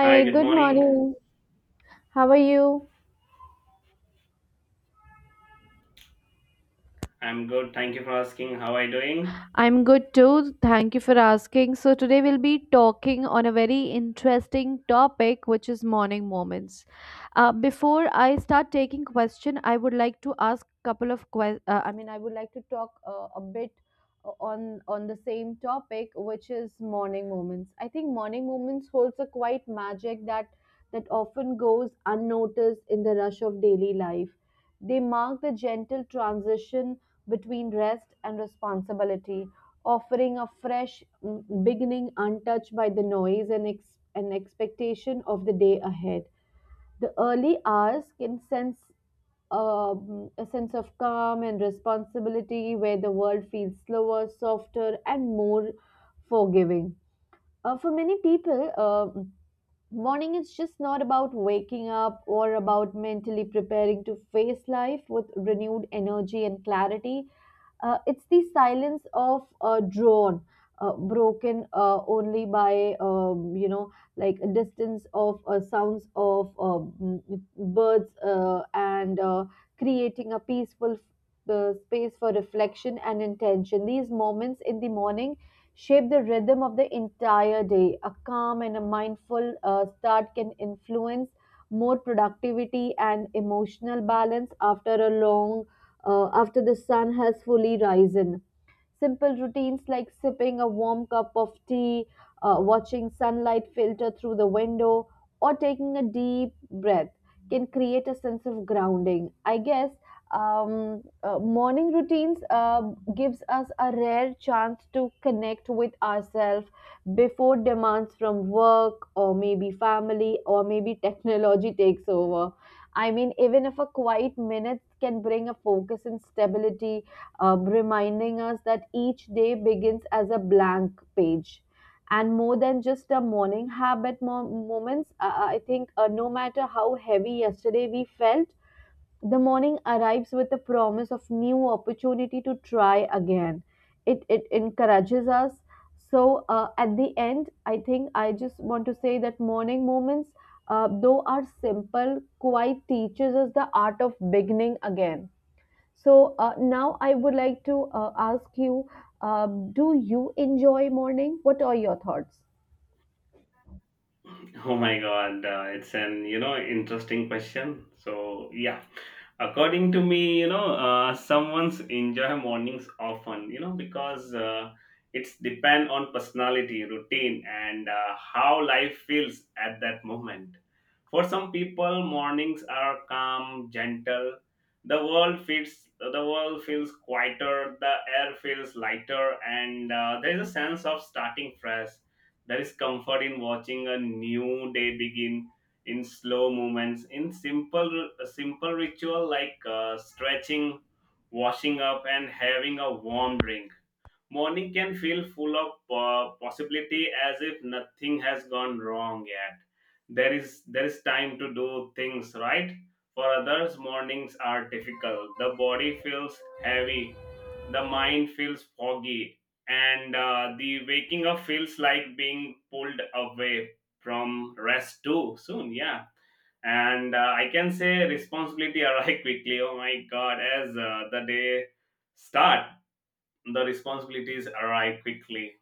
Hi, good good morning. morning. How are you? I'm good. Thank you for asking. How are you doing? I'm good too. Thank you for asking. So, today we'll be talking on a very interesting topic, which is morning moments. Before I start taking question, I would like to ask couple of questions. I would like to talk a bit on the same topic, which is morning moments. I think morning moments holds a quite magic that that often goes unnoticed in the rush of daily life. They mark the gentle transition between rest and responsibility, offering a fresh beginning untouched by the noise and expectation of the day ahead. The early hours can sense a sense of calm and responsibility where the world feels slower, softer, and more forgiving. For many people, morning is just not about waking up or about mentally preparing to face life with renewed energy and clarity. It's the silence of a drone, broken only by, like a distance of sounds of m- birds and creating a peaceful space for reflection and intention. These moments in the morning shape the rhythm of the entire day. A calm and a mindful start can influence more productivity and emotional balance after a long after the sun has fully risen. Simple routines like sipping a warm cup of tea, watching sunlight filter through the window, or taking a deep breath can create a sense of grounding. I guess morning routines gives us a rare chance to connect with ourselves before demands from work or maybe family or maybe technology takes over. I mean, even if a quiet minute can bring a focus and stability, reminding us that each day begins as a blank page. And more than just a moments, I think no matter how heavy yesterday we felt, the morning arrives with the promise of new opportunity to try again. It encourages us. So at the end, I think I just want to say that morning moments, though are simple, quite teaches us the art of beginning again. So now I would like to ask you, do you enjoy morning? What are your thoughts? Oh my God, it's an interesting question. So yeah, according to me, someone's enjoy mornings often, because it's depend on personality, routine, and how life feels at that moment. For some people, mornings are calm, gentle. The world feels quieter. The air feels lighter, and there is a sense of starting fresh. There is comfort in watching a new day begin, in slow movements, in simple ritual like stretching, washing up, and having a warm drink. Morning can feel full of possibility, as if nothing has gone wrong yet. There is time to do things right. For others, mornings are difficult. The body feels heavy, the mind feels foggy, and the waking up feels like being pulled away from rest too soon. Yeah. And I can say responsibility arrive quickly. Oh my God! As the day start, the responsibilities arrive quickly,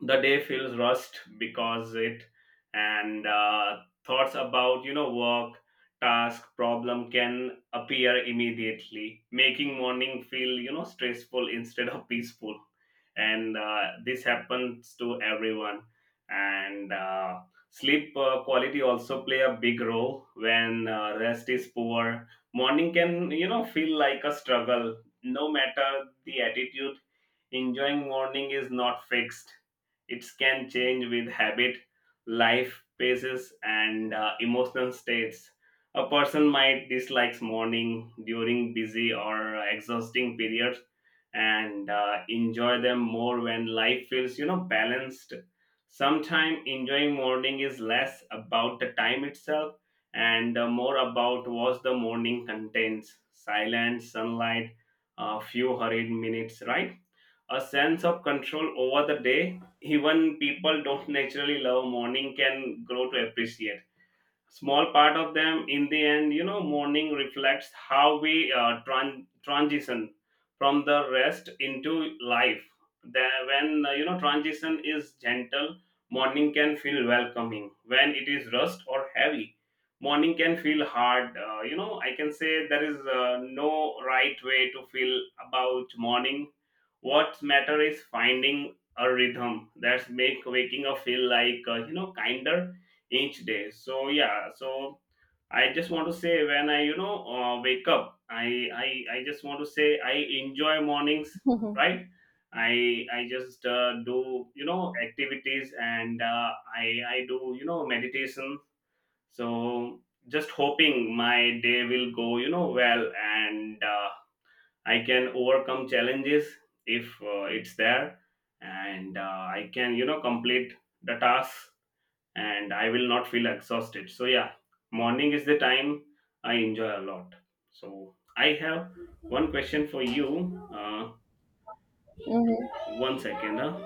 the day feels rushed because it, and thoughts about work, task, problem can appear immediately, making morning feel stressful instead of peaceful. And this happens to everyone. And sleep quality also play a big role. When rest is poor, morning can feel like a struggle, no matter the attitude. Enjoying morning is not fixed. It can change with habit, life paces, and emotional states. A person might dislike morning during busy or exhausting periods, and enjoy them more when life feels, balanced. Sometimes enjoying morning is less about the time itself, and more about what the morning contains: silence, sunlight, a few hurried minutes, right? A sense of control over the day. Even people don't naturally love morning, can grow to appreciate small part of them. In the end, morning reflects how we transition from the rest into life. There, when transition is gentle, morning can feel welcoming. When it is rust or heavy, morning can feel hard. I can say there is no right way to feel about morning. What matter is finding a rhythm that's make waking up feel like kinder each day. So yeah. So I just want to say, when I wake up, I just want to say I enjoy mornings, Mhm. right? I just do activities, and uh, i i do meditation. So just hoping my day will go well, and I can overcome challenges if it's there. And I can complete the task, and I will not feel exhausted. So yeah, morning is the time I enjoy a lot. So I have one question for you. Mhm. One second. Huh?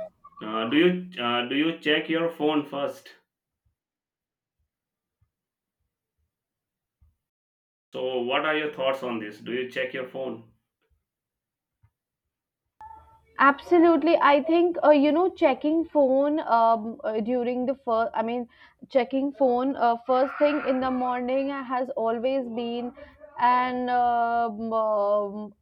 Do you check your phone first? So what are your thoughts on this? Do you check your phone? Absolutely. I think, checking phone during the first, I mean, checking phone first thing in the morning has always been an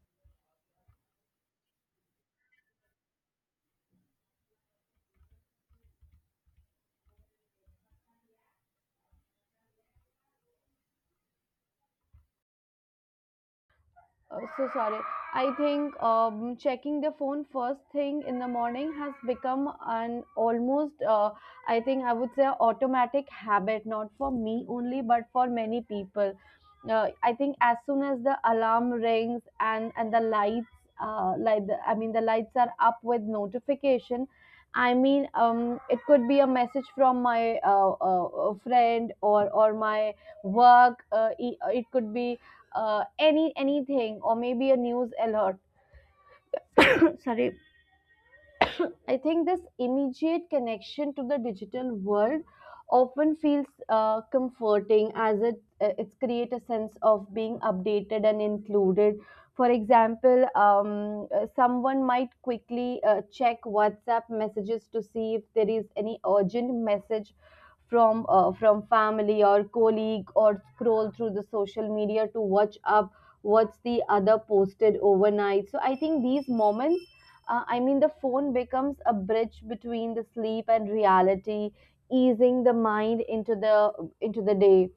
uh, so sorry. I think checking the phone first thing in the morning has become an almost, I think I would say, automatic habit, not for me only, but for many people. I think as soon as the alarm rings and the lights, the lights are up with notification. It could be a message from my friend or my work. It could be anything or maybe a news alert. Sorry. I think this immediate connection to the digital world often feels comforting as it's create a sense of being updated and included. For example, someone might quickly check WhatsApp messages to see if there is any urgent message from family or colleague, or scroll through the social media to watch up what's the other posted overnight. So I think these moments, the phone becomes a bridge between the sleep and reality, easing the mind into the day.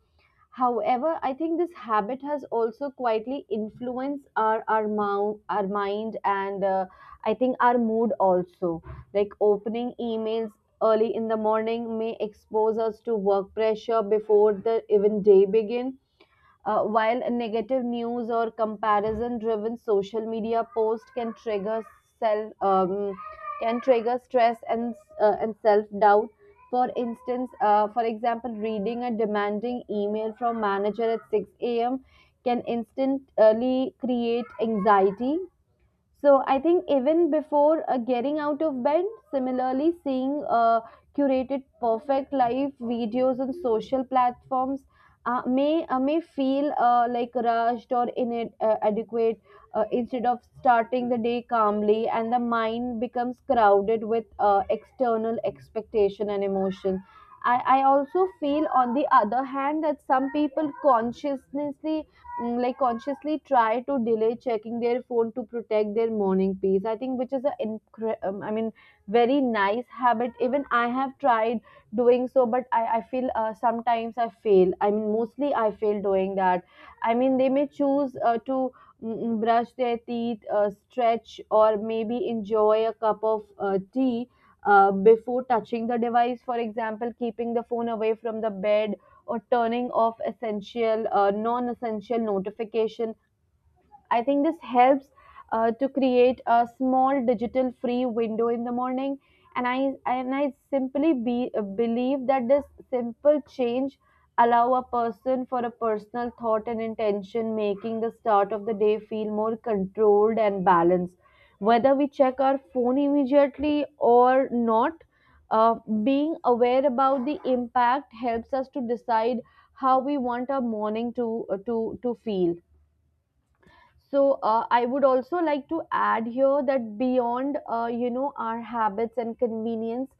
However, I think this habit has also quietly influenced our mind and I think our mood also. Like opening emails early in the morning may expose us to work pressure before the even day begin, while a negative news or comparison driven social media post can trigger self can trigger stress and and self doubt. For instance, for example, reading a demanding email from manager at 6 a.m. can instantly create anxiety, so I think even before getting out of bed. Similarly, seeing curated perfect life videos on social platforms may feel like rushed or inadequate adequate, instead of starting the day calmly, and the mind becomes crowded with external expectation and emotion. I also feel on the other hand that some people consciously, like consciously try to delay checking their phone to protect their morning peace. I think which is a very nice habit. Even I have tried doing so, but I feel sometimes I fail. I mean, mostly I fail doing that. I mean, they may choose to brush their teeth, stretch, or maybe enjoy a cup of tea before touching the device. For example, keeping the phone away from the bed or turning off non-essential notification. I think this helps to create a small digital free window in the morning. And I and I simply believe that this simple change allow a person for a personal thought and intention, making the start of the day feel more controlled and balanced. Whether we check our phone immediately or not, uh, being aware about the impact helps us to decide how we want our morning to to feel. So I would also like to add here that beyond our habits and convenience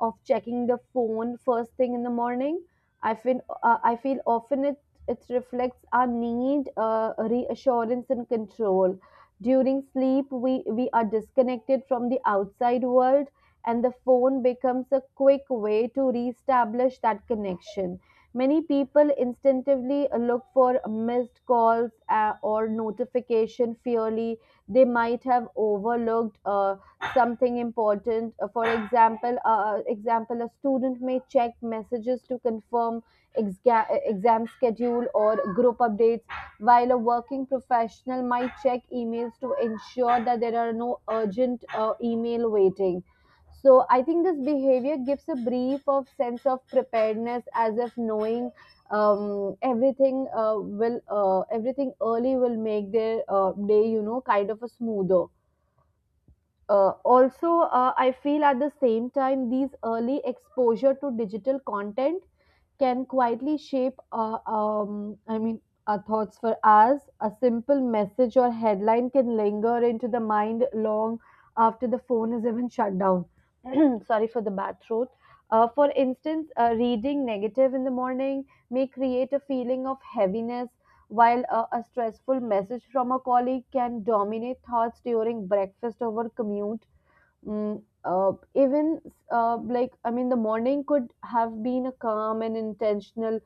of checking the phone first thing in the morning, I feel I feel often it it reflects our need, reassurance and control. During sleep, we are disconnected from the outside world, and the phone becomes a quick way to reestablish that connection. Many people instinctively look for missed calls or notification fearly. They might have overlooked something important. For example, a student may check messages to confirm exam schedule or group updates, while a working professional might check emails to ensure that there are no urgent email waiting. So I think this behavior gives a brief of sense of preparedness, as if knowing everything will everything early will make their day, you know, kind of a smoother. Uh, also uh, I feel at the same time these early exposure to digital content can quietly shape our thoughts for hours. A simple message or headline can linger into the mind long after the phone is even shut down. Sorry for the bad throat. For instance, reading negative in the morning may create a feeling of heaviness, while a stressful message from a colleague can dominate thoughts during breakfast over commute, even the morning could have been a calm and intentional.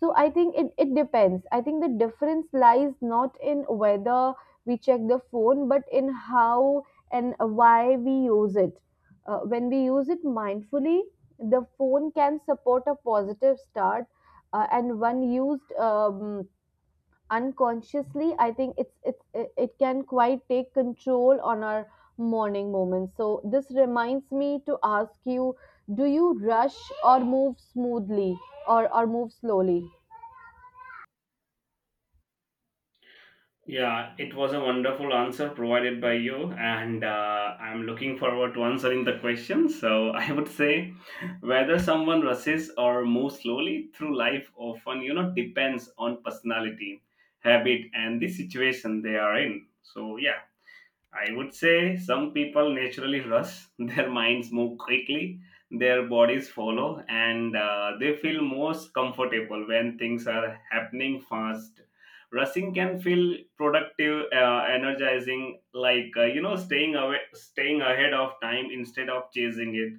So I think it depends. I think the difference lies not in whether we check the phone, but in how and why we use it. When we use it mindfully, the phone can support a positive start, and when used unconsciously, I think it can quite take control on our morning moments. So this reminds me to ask you, do you rush or move smoothly or move slowly? Yeah, it was a wonderful answer provided by you, and I'm looking forward to answering the question. So, I would say whether someone rushes or moves slowly through life often, depends on personality, habit, and the situation they are in. So, yeah. I would say some people naturally rush, their minds move quickly, their bodies follow, and they feel most comfortable when things are happening fast. Rushing can feel productive, energizing, like staying away, staying ahead of time instead of chasing it.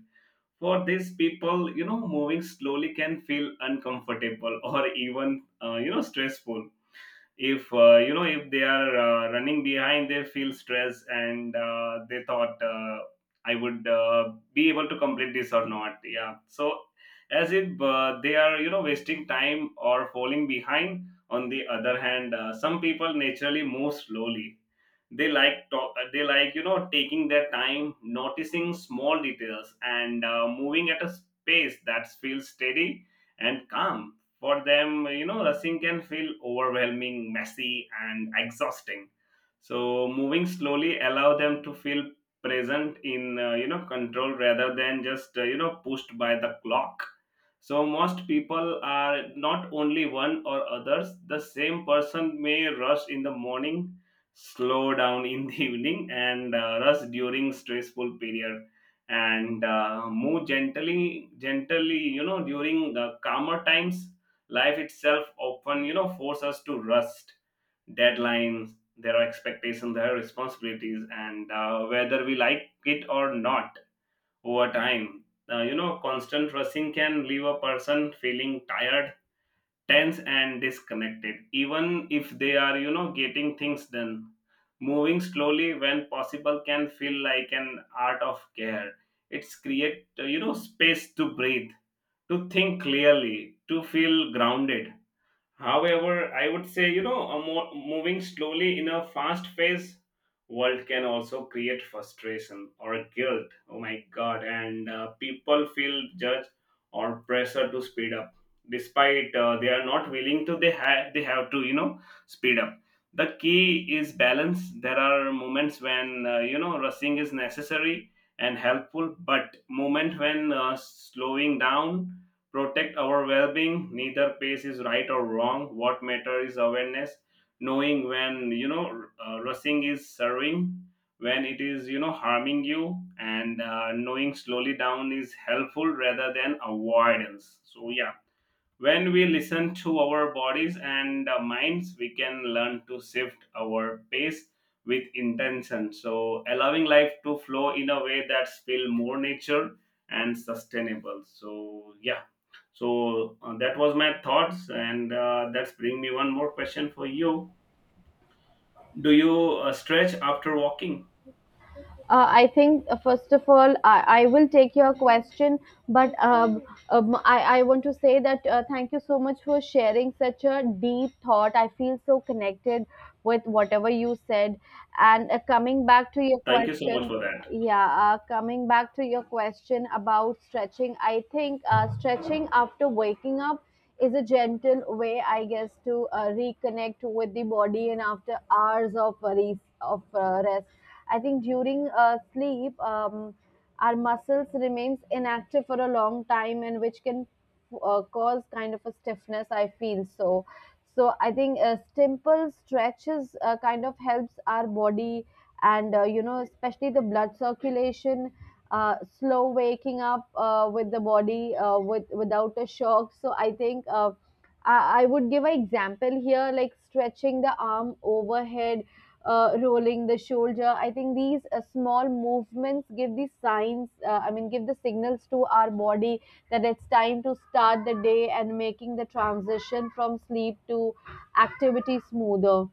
For these people, moving slowly can feel uncomfortable or even stressful. If if they are running behind, they feel stress, and they thought, I would be able to complete this or not. Yeah. So as if they are wasting time or falling behind. On the other hand, some people naturally move slowly. They like talk, they like taking their time, noticing small details, and moving at a pace that feels steady and calm. For them, rushing can feel overwhelming, messy, and exhausting. So moving slowly allow them to feel present in control, rather than just pushed by the clock. So most people are not only one or others. The same person may rush in the morning, slow down in the evening, and rest during stressful period, and move gently, during the calmer times. Life itself often force us to rest. Deadlines, there are expectations, there are responsibilities, and whether we like it or not, over time, constant rushing can leave a person feeling tired, tense, and disconnected, even if they are getting things done. Moving slowly when possible can feel like an art of care. It's create space to breathe, to think clearly, to feel grounded. However, I would say, a moving slowly in a fast paced world can also create frustration or guilt. Oh my God. And people feel judged or pressure to speed up. Despite they are not willing to, they have to, speed up. The key is balance. There are moments when, rushing is necessary and helpful, but moment when slowing down protect our well-being. Neither pace is right or wrong. What matters is awareness, knowing when rushing is serving, when it is harming you, and knowing slowly down is helpful rather than avoidance. So yeah, when we listen to our bodies and minds, we can learn to shift our pace with intention, so allowing life to flow in a way that's feel more nature and sustainable. So yeah. So that was my thoughts, and that's bring me one more question for you. Do you stretch after walking? I think first of all, I will take your question, but I want to say that thank you so much for sharing such a deep thought. I feel so connected with whatever you said. And coming back to your Thank you so much question, for that. yeah, coming back to your question about stretching, I think stretching after waking up is a gentle way, I guess, to reconnect with the body and after hours of rest. I think during sleep, our muscles remains inactive for a long time, and which can cause kind of a stiffness. I feel so. So I think simple stretches kind of helps our body, and especially the blood circulation. Slow waking up with the body with without a shock. So I think. I would give an example here, like stretching the arm overhead, rolling the shoulder. I think these small movements give the signs, give the signals to our body that it's time to start the day and making the transition from sleep to activity smoother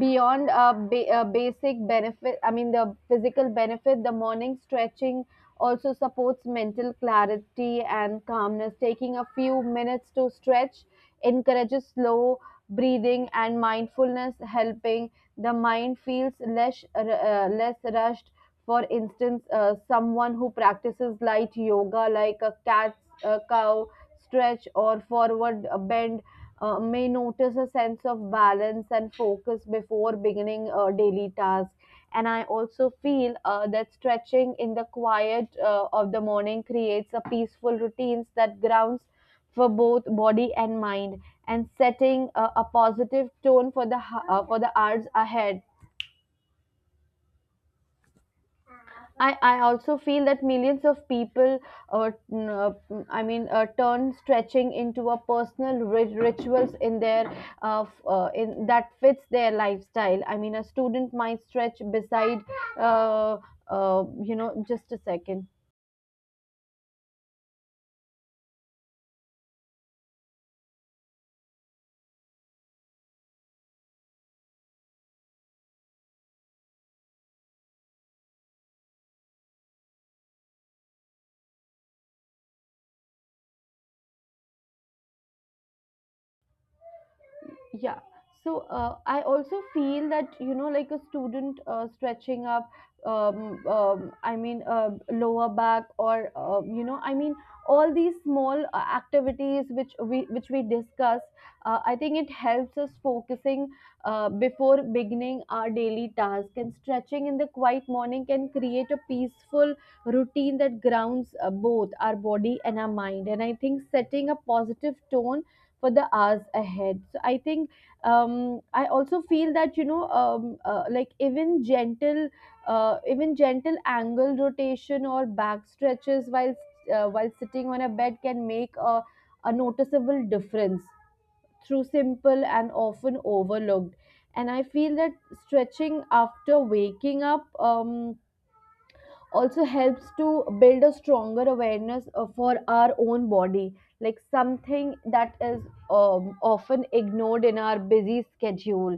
beyond basic benefit, I mean the physical benefit. The morning stretching also supports mental clarity and calmness. Taking a few minutes to stretch encourages slow breathing and mindfulness, helping the mind feels less rushed. For instance, someone who practices light yoga like a cat, cow stretch, or forward bend may notice a sense of balance and focus before beginning a daily task. And I also feel that stretching in the quiet of the morning creates a peaceful routines that grounds for both body and mind, and setting a positive tone for for the hours ahead. I also feel that millions of people, uh, n- uh, turn stretching into a personal rituals in in that fits their lifestyle. I mean, a student might stretch beside, uh, you know, just a second. Yeah, so I also feel that, you know, like a student stretching up, I mean lower back, or you know, I mean, all these small activities which we discuss, I think it helps us focusing before beginning our daily task. And stretching in the quiet morning can create a peaceful routine that grounds both our body and our mind, and I think setting a positive tone for the hours ahead. So I think, I also feel that, you know, like even gentle, even gentle angle rotation or back stretches while sitting on a bed, can make a noticeable difference through simple and often overlooked. And I feel that stretching after waking up also helps to build a stronger awareness for our own body, like something that is often ignored in our busy schedule.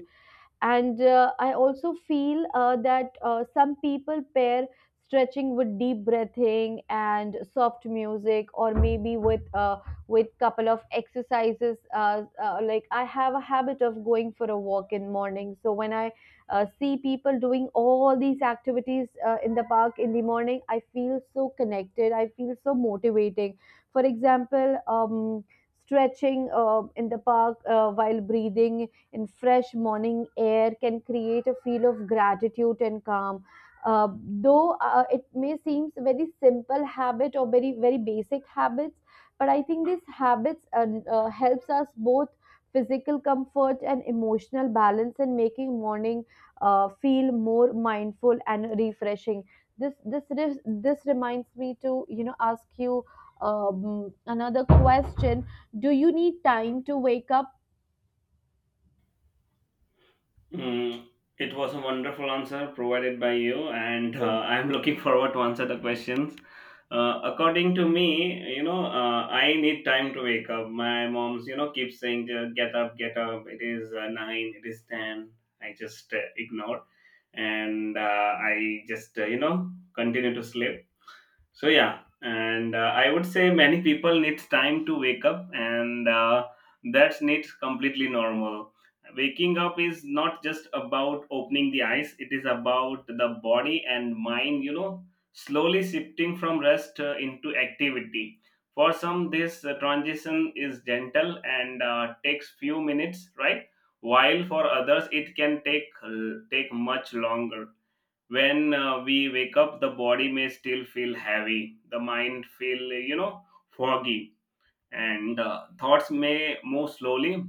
And I also feel that some people pair stretching with deep breathing and soft music, or maybe with couple of exercises, like I have a habit of going for a walk in morning, so when I see people doing all these activities in the park in the morning, I feel so connected, I feel so motivating. For example, stretching in the park while breathing in fresh morning air can create a feel of gratitude and calm. Uh, though it may seem very simple habit or very very basic habits, but I think these habits helps us both physical comfort and emotional balance, and making morning feel more mindful and refreshing. This reminds me to, you know, ask you another question. Do you need time to wake up? Mm, it was a wonderful answer provided by you, and I'm looking forward to answer the questions. According to me, I need time to wake up. My mom's keeps saying, get up, get up, it is 9, it is 10. I just ignore, and I just continue to sleep. So yeah, and I would say many people needs time to wake up, and that's needs completely normal. Waking up is not just about opening the eyes; it is about the body and mind, slowly shifting from rest into activity. For some, this transition is gentle and takes few minutes, right? While for others, it can take much longer. When we wake up, the body may still feel heavy, the mind feel foggy, and thoughts may move slowly.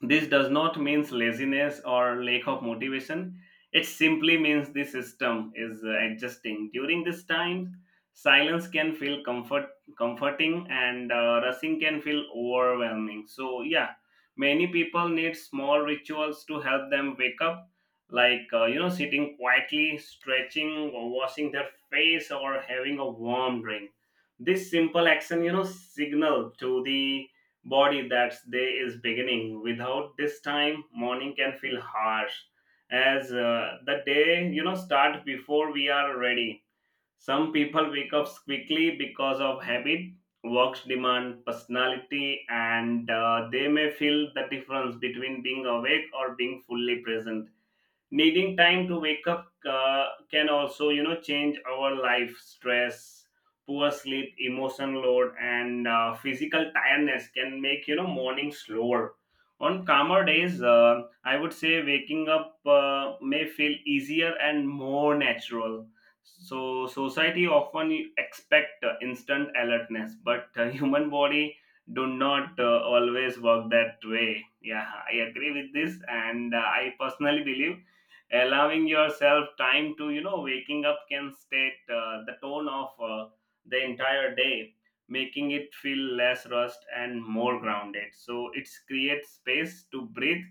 This does not mean laziness or lack of motivation. It simply means the system is adjusting during this time. Silence can feel comforting, and rushing can feel overwhelming. So yeah, many people need small rituals to help them wake up, like sitting quietly, stretching, or washing their face, or having a warm drink. This simple action, signal to the body that's day is beginning. Without this time, morning can feel harsh, as the day start before we are ready. Some people wake up quickly because of habit, works demand, personality, and they may feel the difference between being awake or being fully present. Needing time to wake up can also change our life. Stress, poor sleep, emotion load, and physical tiredness can make morning slower. On calmer days, I would say waking up may feel easier and more natural. So society often expect instant alertness, but human body do not always work that way. Yeah, I agree with this. And I personally believe allowing yourself time to waking up can state the tone of the entire day, making it feel less rushed and more grounded. So it creates space to breathe,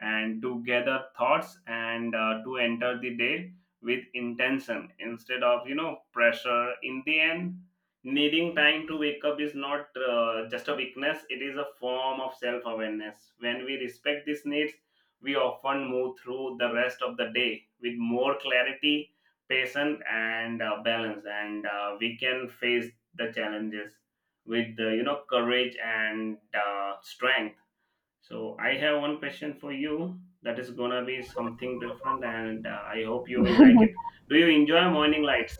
and to gather thoughts, and to enter the day with intention instead of pressure. In the end, needing time to wake up is not just a weakness. It is a form of self awareness. When we respect these needs, we often move through the rest of the day with more clarity, patience, and balance, and we can face the challenges with courage and strength. So I have one question for you that is gonna be something different, and I hope you will like it. Do you enjoy morning lights?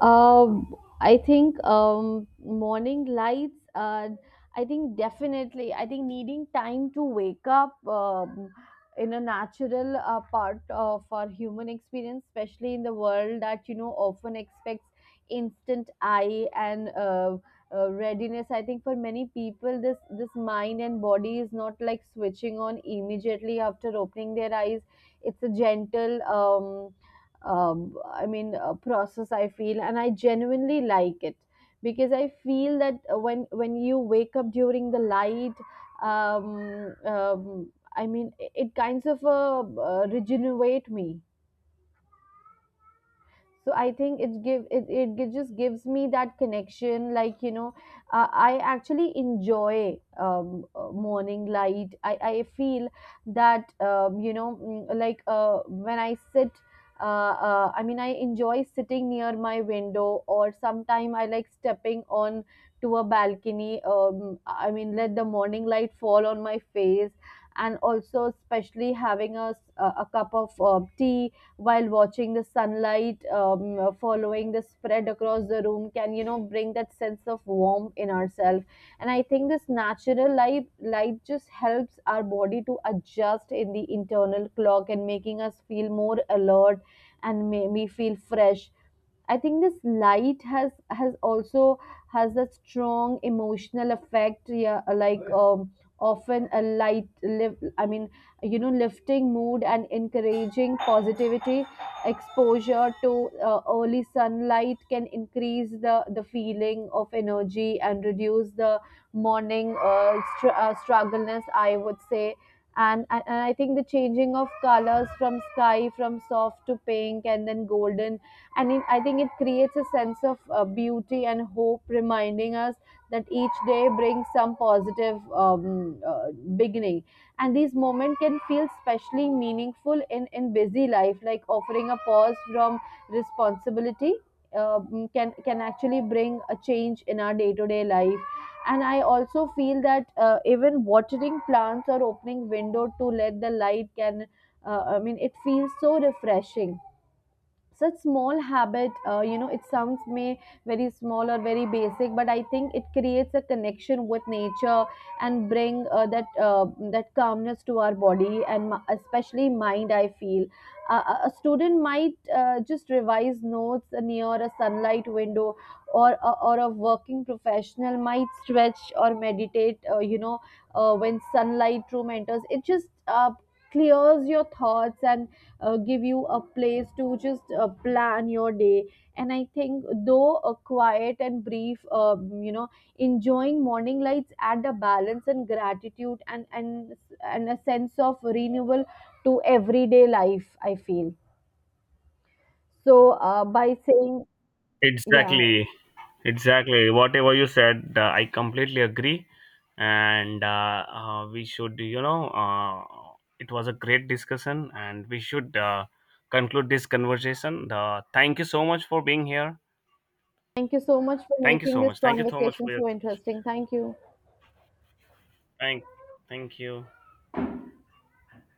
I think, morning lights. I think definitely. I think needing time to wake up in a natural part of our human experience, especially in the world that, you know, often expects instant eye and readiness. I think for many people, this mind and body is not like switching on immediately after opening their eyes. It's a gentle. Process, I feel, and I genuinely like it, because I feel that when you wake up during the light, I mean, it kinds of regenerate me. So I think it give it, it gi- just gives me that connection, like, you know, I actually enjoy, morning light. I feel that, you know, like when I enjoy sitting near my window, or sometime I like stepping on to a balcony. I mean, let the morning light fall on my face, and also especially having a s- a cup of tea while watching the sunlight following the spread across the room, can, you know, bring that sense of warmth in ourselves. And I think this natural light just helps our body to adjust in the internal clock, and making us feel more alert and maybe feel fresh. I think this light has also has a strong emotional effect. Yeah, like often a light lift. I mean, you know, lifting mood and encouraging positivity. Exposure to early sunlight can increase the feeling of energy and reduce the morning struggleness, I would say. And I think the changing of colors from sky, from soft to pink, and then golden, and I think it creates a sense of beauty and hope, reminding us that each day brings some positive beginning. And these moments can feel specially meaningful in busy life, like offering a pause from responsibility, can actually bring a change in our day to day life. And I also feel that even watering plants or opening window to let the light can, I mean, it feels so refreshing. Such small habit, you know, it sounds may very small or very basic, but I think it creates a connection with nature, and bring that calmness to our body and especially mind, I feel. A student might just revise notes near a sunlight window, or or a working professional might stretch or meditate, you know, when sunlight room enters, it just clears your thoughts and give you a place to just plan your day. And I think, though a quiet and brief, you know, enjoying morning lights add a balance and gratitude, and and a sense of renewal to everyday life, I feel. So by saying, yeah, Exactly. Exactly. Whatever you said, I completely agree. And we should, it was a great discussion, and we should conclude this conversation. Thank you so much for being here. thank you so much for Thank you making so this much. Thank you so much conversation for your so interesting. Thank you. thank. Thank you.